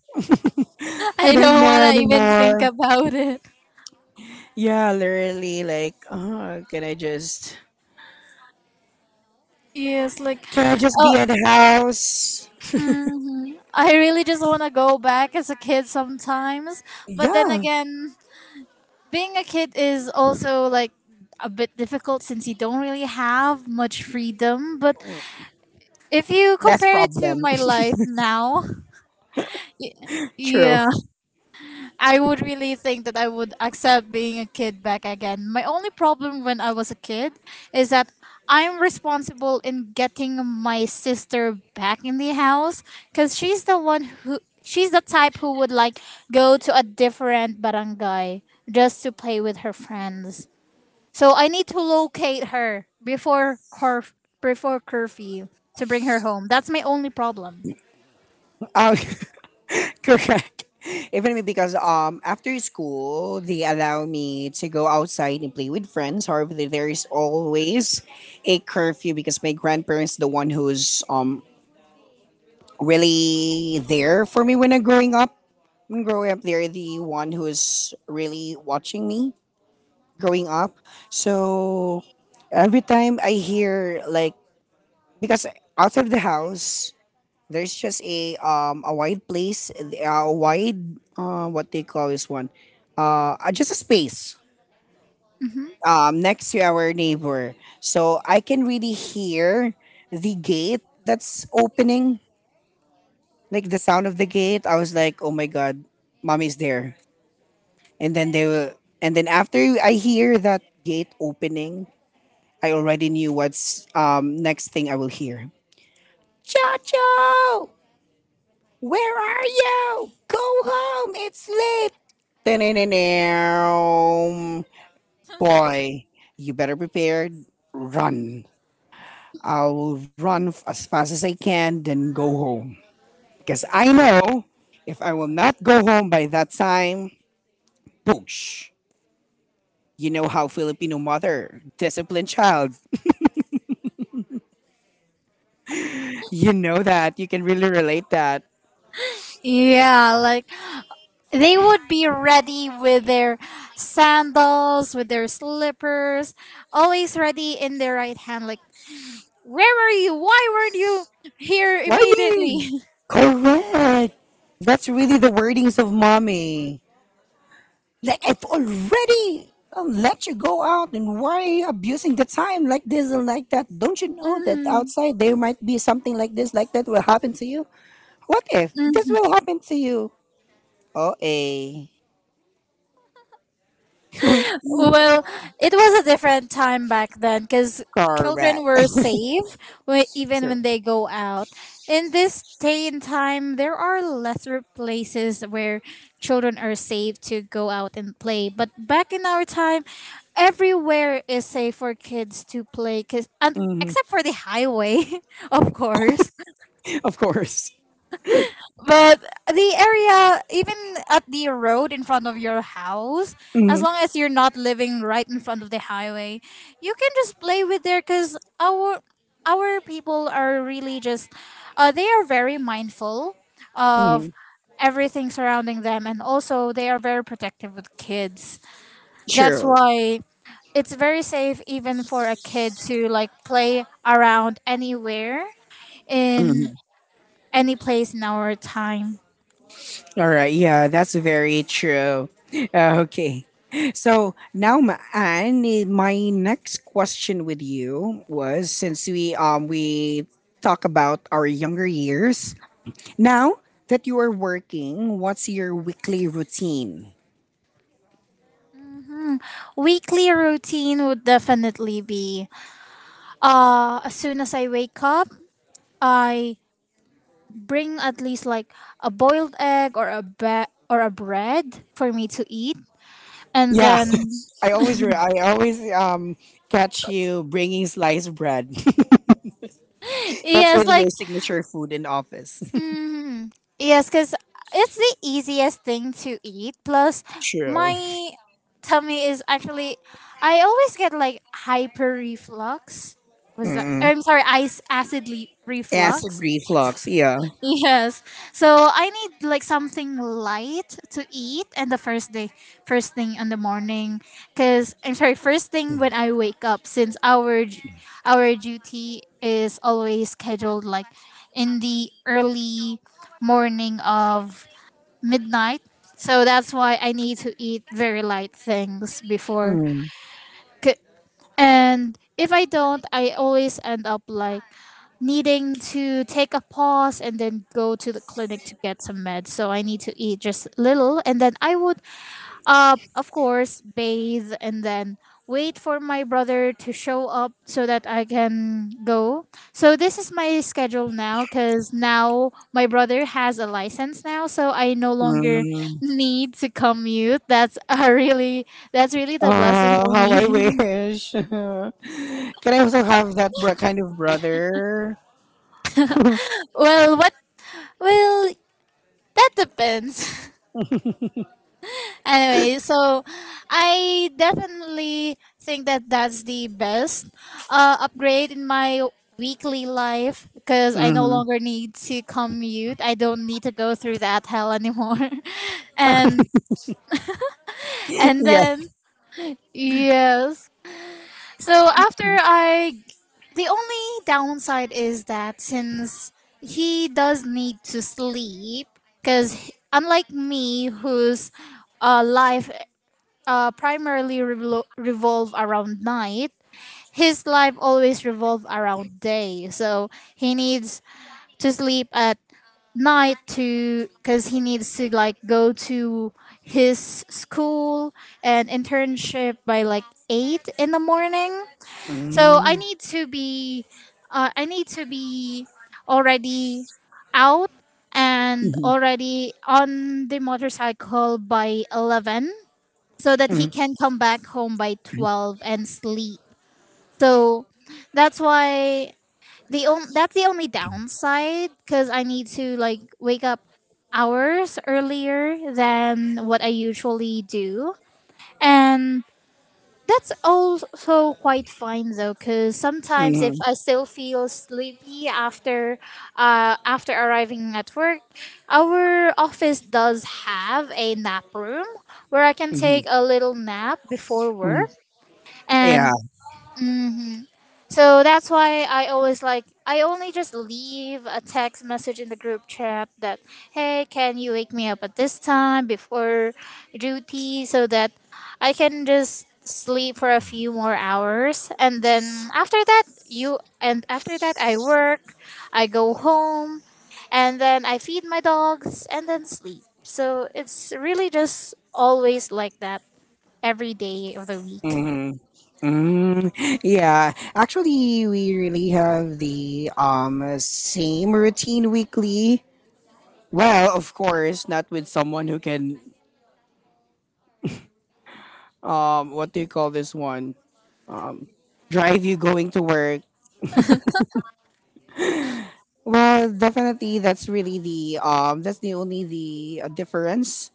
A: I
B: I
A: don't
B: don't
A: know
B: wanna even think
A: anymore.
B: about it.
A: Yeah, literally like, can I just
B: Yes, like,
A: can I just
B: oh,
A: be at the house?
B: I really just wanna go back as a kid sometimes. But then
A: Yeah.
B: again, being a kid is also like a bit difficult since you don't really have much freedom. But if you
A: Less
B: compare it to
A: problem.
B: my life now,
A: True.
B: yeah, I would really think that I would accept being a kid back again. My only problem when I was a kid is that I'm responsible in getting my sister back in the house because she's the one who. She's the type who would like go to a different barangay just to play with her friends. So I need to locate her before before curfew to bring her home. That's my only problem.
A: Oh, correct. Even me because after school they allow me to go outside and play with friends. However, there is always a curfew because my grandparents the one who's really there for me when I'm growing up. When growing up, they're the one who's really watching me growing up. So every time I hear like because outside of the house there's just a wide place, a wide what they call this one, just a space
B: Mm-hmm.
A: next to our neighbor, so I can really hear the gate that's opening, like the sound of the gate. I was like, "Oh my god, mommy's there," and then they will, and then after I hear that gate opening, I already knew what's next thing I will hear. Chacho! Where are you? Go home. It's late. Da-da-da-dum. Boy, you better prepare. Run. I'll run as fast as I can, then go home. Because I know if I will not go home by that time, boosh. You know how Filipino mother, disciplined child. You know that. You can really relate that.
B: Yeah, like they would be ready with their sandals, with their slippers, always ready in their right hand. Like, where were you? Why weren't you here
A: Why
B: immediately?
A: correct? That's really the wordings of mommy. Like I've already let you go out, and why are you abusing the time like this and like that? Don't you know that
B: Mhm.
A: outside there might be something like this, like that will happen to you? What if this will happen to you? Oh, a
B: Well, it was a different time back then because children
A: correct,
B: were safe even
A: true.
B: when they go out. In this day and time, there are lesser places where children are safe to go out and play. But back in our time, everywhere is safe for kids to play, cause, and,
A: Hmm.
B: except for the highway, of course.
A: Of course.
B: But the area, even at the road in front of your house, as
A: Hmm.
B: long as you're not living right in front of the highway, you can just play with there because our people are really just they are very mindful
A: Hmm.
B: of everything surrounding them, and also they are very protective with kids. That's
A: True.
B: why it's very safe even for a kid to like play around anywhere in
A: Mm-hmm.
B: any place in our time.
A: All right. Yeah, that's very true. Okay. So now, Anne, my next question with you was since we talk about our younger years. Now that you are working, what's your weekly routine?
B: Mhm. Weekly routine would definitely be as soon as I wake up, I bring at least like a boiled egg or a bread for me to eat. And
A: Yeah,
B: then
A: I always catch you bringing sliced bread. That's
B: yes,
A: really your
B: like
A: signature food in office.
B: mm, yes, cuz it's the easiest thing to eat plus my
A: True.
B: tummy is actually I always get like hyper reflux. Was that?
A: Mm-mm.
B: I'm sorry, ice
A: Acid
B: reflux.
A: reflux. Yeah.
B: Yes. So I need like something light to eat and the first day first thing in the morning cuz I'm sorry first thing when I wake up since our duty is always scheduled like in the early morning of midnight. So that's why I need to eat very light things before.
A: Mm.
B: And if I don't, I always end up like needing to take a pause and then go to the clinic to get some meds. So I need to eat just little and then I would of course bathe and then wait for my brother to show up so that I can go. So this is my schedule now cuz now my brother has a license now, so I no longer
A: Mm.
B: need to commute. That's a really that's really
A: Oh,
B: the blessing for
A: how I
B: me.
A: wish. Can I also kind of brother?
B: well, what Well, that depends. anyway, so I definitely think that that's the best upgrade in my weekly life because I no
A: Mm.
B: longer need to commute. I don't need to go through that hell anymore. and and then
A: Yes.
B: yes, So after I, the only downside is that since he does need to sleep, because unlike me, whose life primarily revolve around night, his life always revolve around day. So he needs to sleep at night to because he needs to like go to his school and internship by like 8 in the morning, so I
A: Mm.
B: need to be, uh, I need to be already out and
A: Mhm.
B: already on the motorcycle by 11, so that
A: Mm.
B: he can come back home by 12 and sleep. So that's why that's the only downside because I need to like wake up hours earlier than what I usually do, and that's also quite fine though, because sometimes if
A: Mhm.
B: I still feel sleepy after, after arriving at work, our office does have a nap room where I can take
A: Mhm.
B: a little nap before
A: Mm.
B: work, and
A: Yeah.
B: mm, so that's why I always like I only just leave a text message in the group chat that hey, can you wake me up at this time before duty so that I can just sleep for a few more hours, and then after that you and after that I work, I go home and then I feed my dogs and then sleep. So it's really just always like that every day of the week.
A: Hmm. Mm, yeah, actually, we really have the same routine weekly. Well, of course, not with someone who can what do you call this one, um drive you going to work. Well, definitely, that's really the that's the only the difference.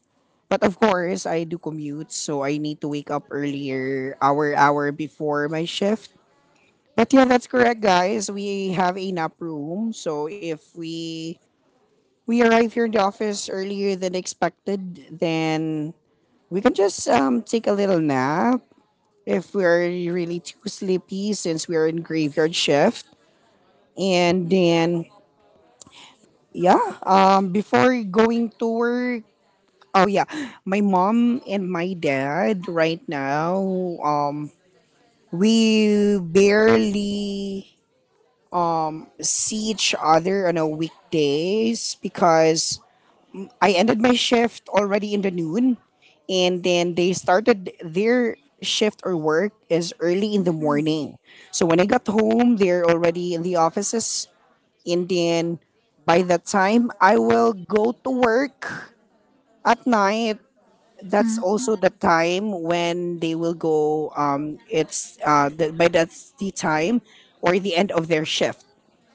A: But of course, I do commute, so I need to wake up earlier, hour before my shift. But yeah, that's correct, guys. We have a nap room, so if we arrive here in the office earlier than expected, then we can just take a little nap if we're really too sleepy since we're in graveyard shift, and then yeah. Before going to work, oh yeah, my mom and my dad right now, um, we barely see each other on a weekdays because I ended my shift already in the noon, and then they started their shift or work is early in the morning. So when I got home, they're already in the offices, and then by the time I will go to work at night, that's also the time when they will go. By that's the time or the end of their shift.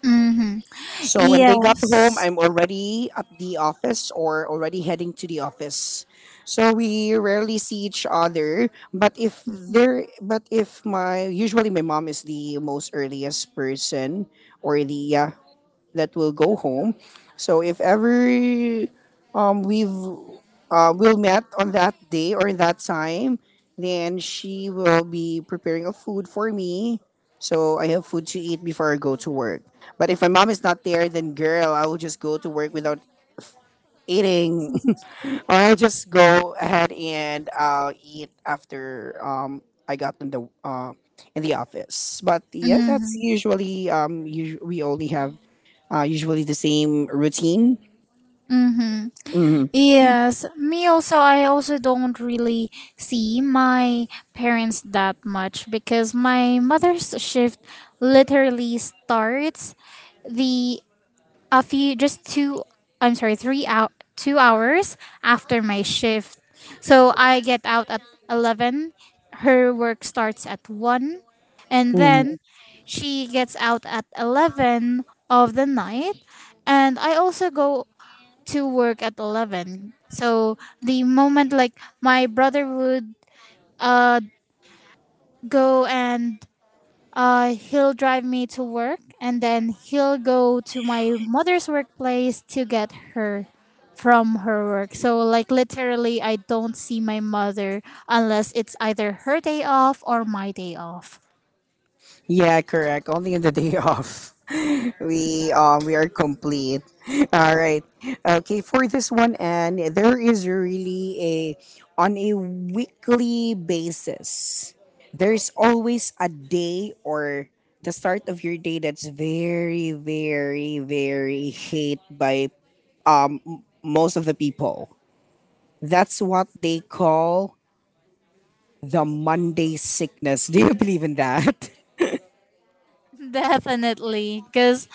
B: Mm-hmm.
A: So when they got home,
B: Yes.
A: I'm already at the office or already heading to the office. So we rarely see each other. But if my usually my mom is the most earliest person or the yeah that will go home. So if ever we've will meet on that day or in that time. Then she will be preparing a food for me. So I have food to eat before I go to work. But if my mom is not there, then girl, I will just go to work without eating. Or I'll just go ahead and I'll eat after, I got in the office. But yeah, that's
B: Mm-hmm.
A: usually we only have usually the same routine.
B: Mm-hmm.
A: Hmm.
B: Yes. Me also, I also don't really see my parents that much because my mother's shift literally starts the a few just two I'm sorry three out 2 hours after my shift. So I get out at 11, her work starts at 1, and then she gets out at 11 of the night, and I also go to work at 11. So the moment like my brother would uh go and he'll drive me to work and then he'll go to my mother's workplace to get her from her work. So, like, literally, I don't see my mother unless it's either her day off or my day off.
A: Yeah, correct. Only in the day off. We are complete. All right. Okay, for this one, and there is really a on a weekly basis. There's always a day or the start of your day that's very very very hate by most of the people. That's what they call the Monday sickness. Do you believe in that?
B: Definitely. Because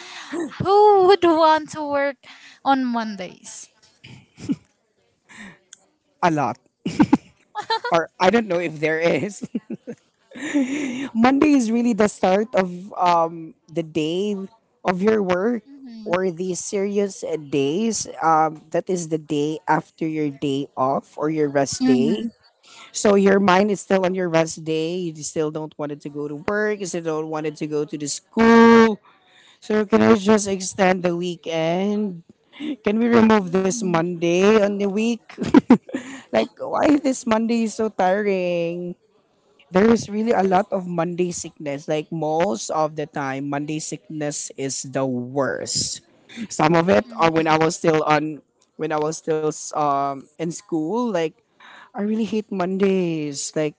B: who would want to work on Mondays?
A: A lot. Or I don't know if there is. Monday is really the start of the day of your work
B: Mm-hmm.
A: or the serious days. That is the day after your day off or your rest
B: Mm-hmm.
A: day. So your mind is still on your rest day. You still don't want it to go to work. You still don't want it to go to the school. So can I just extend the weekend? Can we remove this Monday on the week? Like why this Monday is so tiring? There's really a lot of Monday sickness. Like most of the time, Monday sickness is the worst. Some of it
B: Mm-hmm.
A: are
B: Mm-hmm.
A: when I was still on when I was still in school. Like I really hate Mondays. Like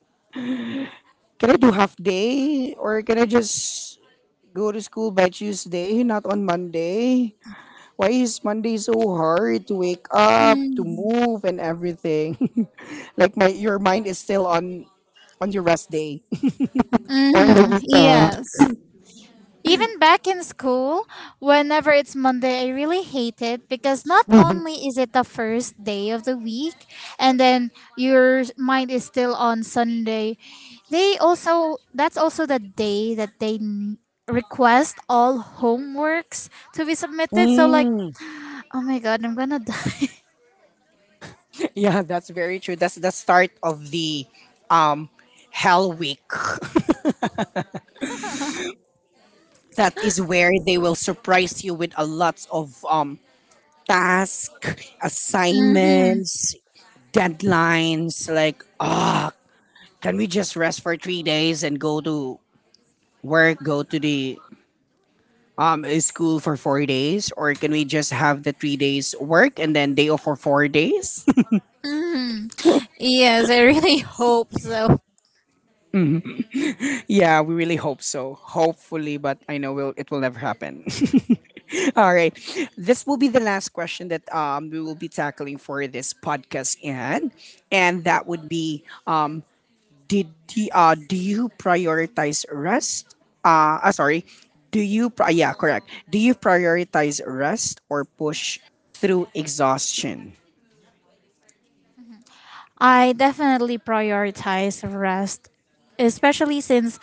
A: can I do half day or can I just go to school by Tuesday, not on Monday? Why is Monday so hard to wake up, to
B: Mm-hmm.
A: move, and everything? Like my your mind is still on your rest day. Or on the
B: Mm-hmm.
A: weekend.
B: Yes. Even back in school, whenever it's Monday, I really hate it because not
A: Mhm.
B: only is it the first day of the week and then your mind is still on Sunday, they also, that's also the day that request all homeworks to be submitted. So, like,
A: Mm.
B: oh my god, I'm gonna die.
A: Yeah, that's very true. That's the start of the um Hell Week. That is where they will surprise you with a lot of tasks,
B: hmm
A: assignments, deadlines, like ah, can we just rest for 3 days and go to work, go to the school for 4 days, or can we just have the 3 days work and then day off for 4 days?
B: hmm Yes, I really hope so.
A: Yeah, we really hope so. Hopefully, but I know will it will never happen. All right. This will be the last question that, we will be tackling for this podcast, and that would be did do you prioritize rest? Sorry. Yeah, correct. Do you prioritize rest or push through exhaustion?
B: I definitely prioritize rest, especially since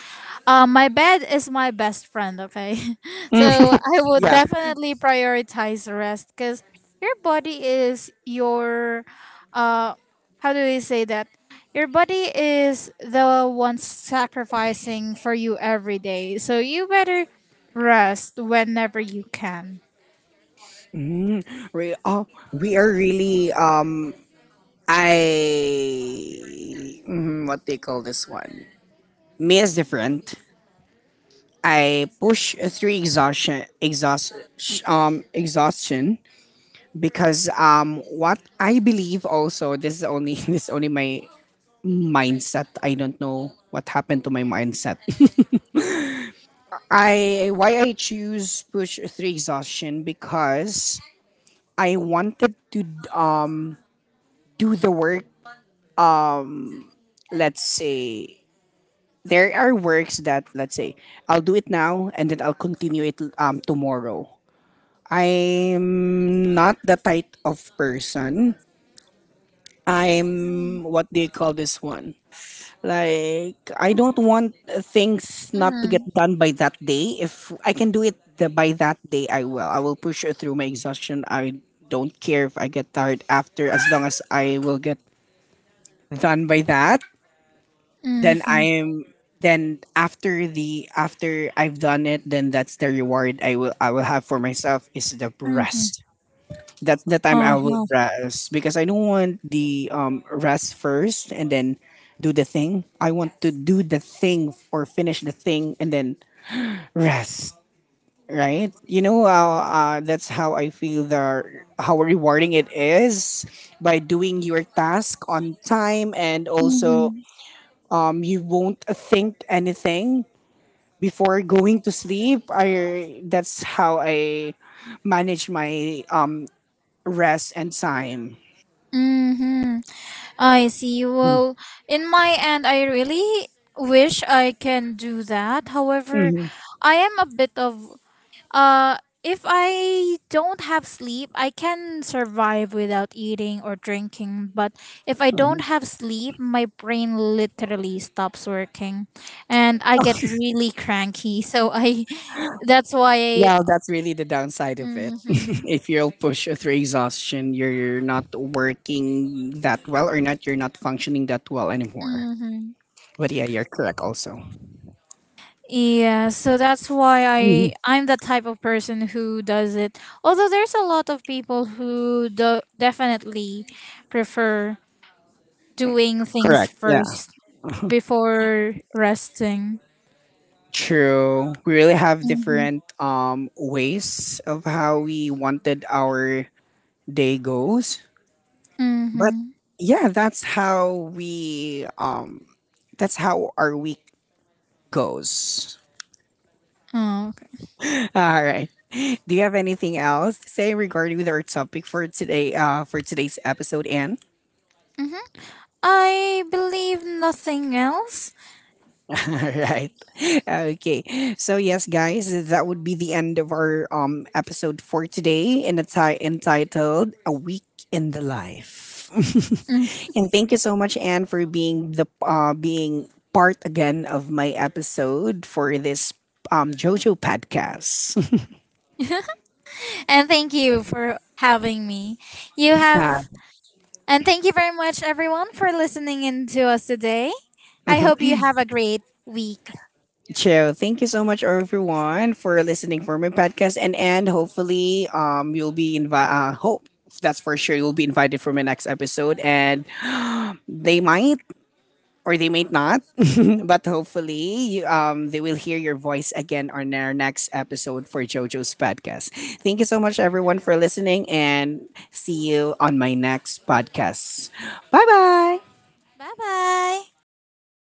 B: my bed is my best friend, okay?
A: Mm,
B: So I would
A: yeah.
B: definitely prioritize rest because your body is your, uh, how do we say that? Your body is the one sacrificing for you every day. So you better rest whenever you can.
A: We oh, we are really I mhm, what they call this one. Me is different. I push through exhaustion, exhaustion because, what I believe also, this is only this is only my mindset. I don't know what happened to my mindset. I Why I choose push through exhaustion because I wanted to um do the work. Let's say there are works that, let's say, I'll do it now and then I'll continue it tomorrow. I'm not the type of person. I'm what do you call this one? Like I don't want things not to get
B: Mm-hmm.
A: done by that day. If I can do it by that day, I will. I will push it through my exhaustion. I don't care if I get tired after, as long as I will get done by that. Then
B: Mm-hmm.
A: I'm then after the after I've done it, then that's the reward I will have for myself is the
B: Mm-hmm.
A: rest. That's the time I will
B: Uh-huh.
A: rest because I don't want the rest first and then do the thing. I want to do the thing or finish the thing and then rest. Right? You know how, that's how I feel, the how rewarding it is by doing your task on time, and also you won't think anything before going to sleep. I That's how I manage my rest and time.
B: Mm-hmm. I see. Well, in my end, I really wish I can do that. However,
A: Hmm.
B: I am a bit of uh if I don't have sleep, I can survive without eating or drinking, but if I don't have sleep, my brain literally stops working and I get really cranky. So I that's why I
A: Yeah, that's really the downside of it.
B: mm-hmm,
A: If you'll push through exhaustion, you're not working that well, or not, you're not functioning that well anymore.
B: mm-hmm.
A: But yeah, you're correct also.
B: Yeah, so that's why
A: Mhm.
B: I'm the type of person who does it. Although there's a lot of people who do definitely prefer doing things
A: Correct. Yeah.
B: first before resting.
A: True. We really have
B: Mm-hmm.
A: different ways of how we wanted our day goes. But
B: Mm-hmm.
A: yeah, that's how we that's how our week goes.
B: Oh, okay.
A: All right. Do you have anything else to say regarding with our topic for today? For today's episode, Anne.
B: Mm-hmm. I believe nothing else.
A: All right. Okay. So yes, guys, that would be the end of our episode for today, entitled "A Week in the Life."
B: Mm.
A: And thank you so much, Anne, for being part again of my episode for this JoJo podcast.
B: And thank you for having me. You have And thank you very much everyone for listening in to us today. I
A: Uh,
B: hope you have a great week.
A: So thank you so much everyone for listening for my podcast, and hopefully you'll be invited, hope that's for sure you'll be invited for my next episode, and they might or they might not, but hopefully you, they will hear your voice again on our next episode for JoJo's podcast. Thank you so much everyone for listening, and see you on my next podcast. Bye bye.
B: Bye bye.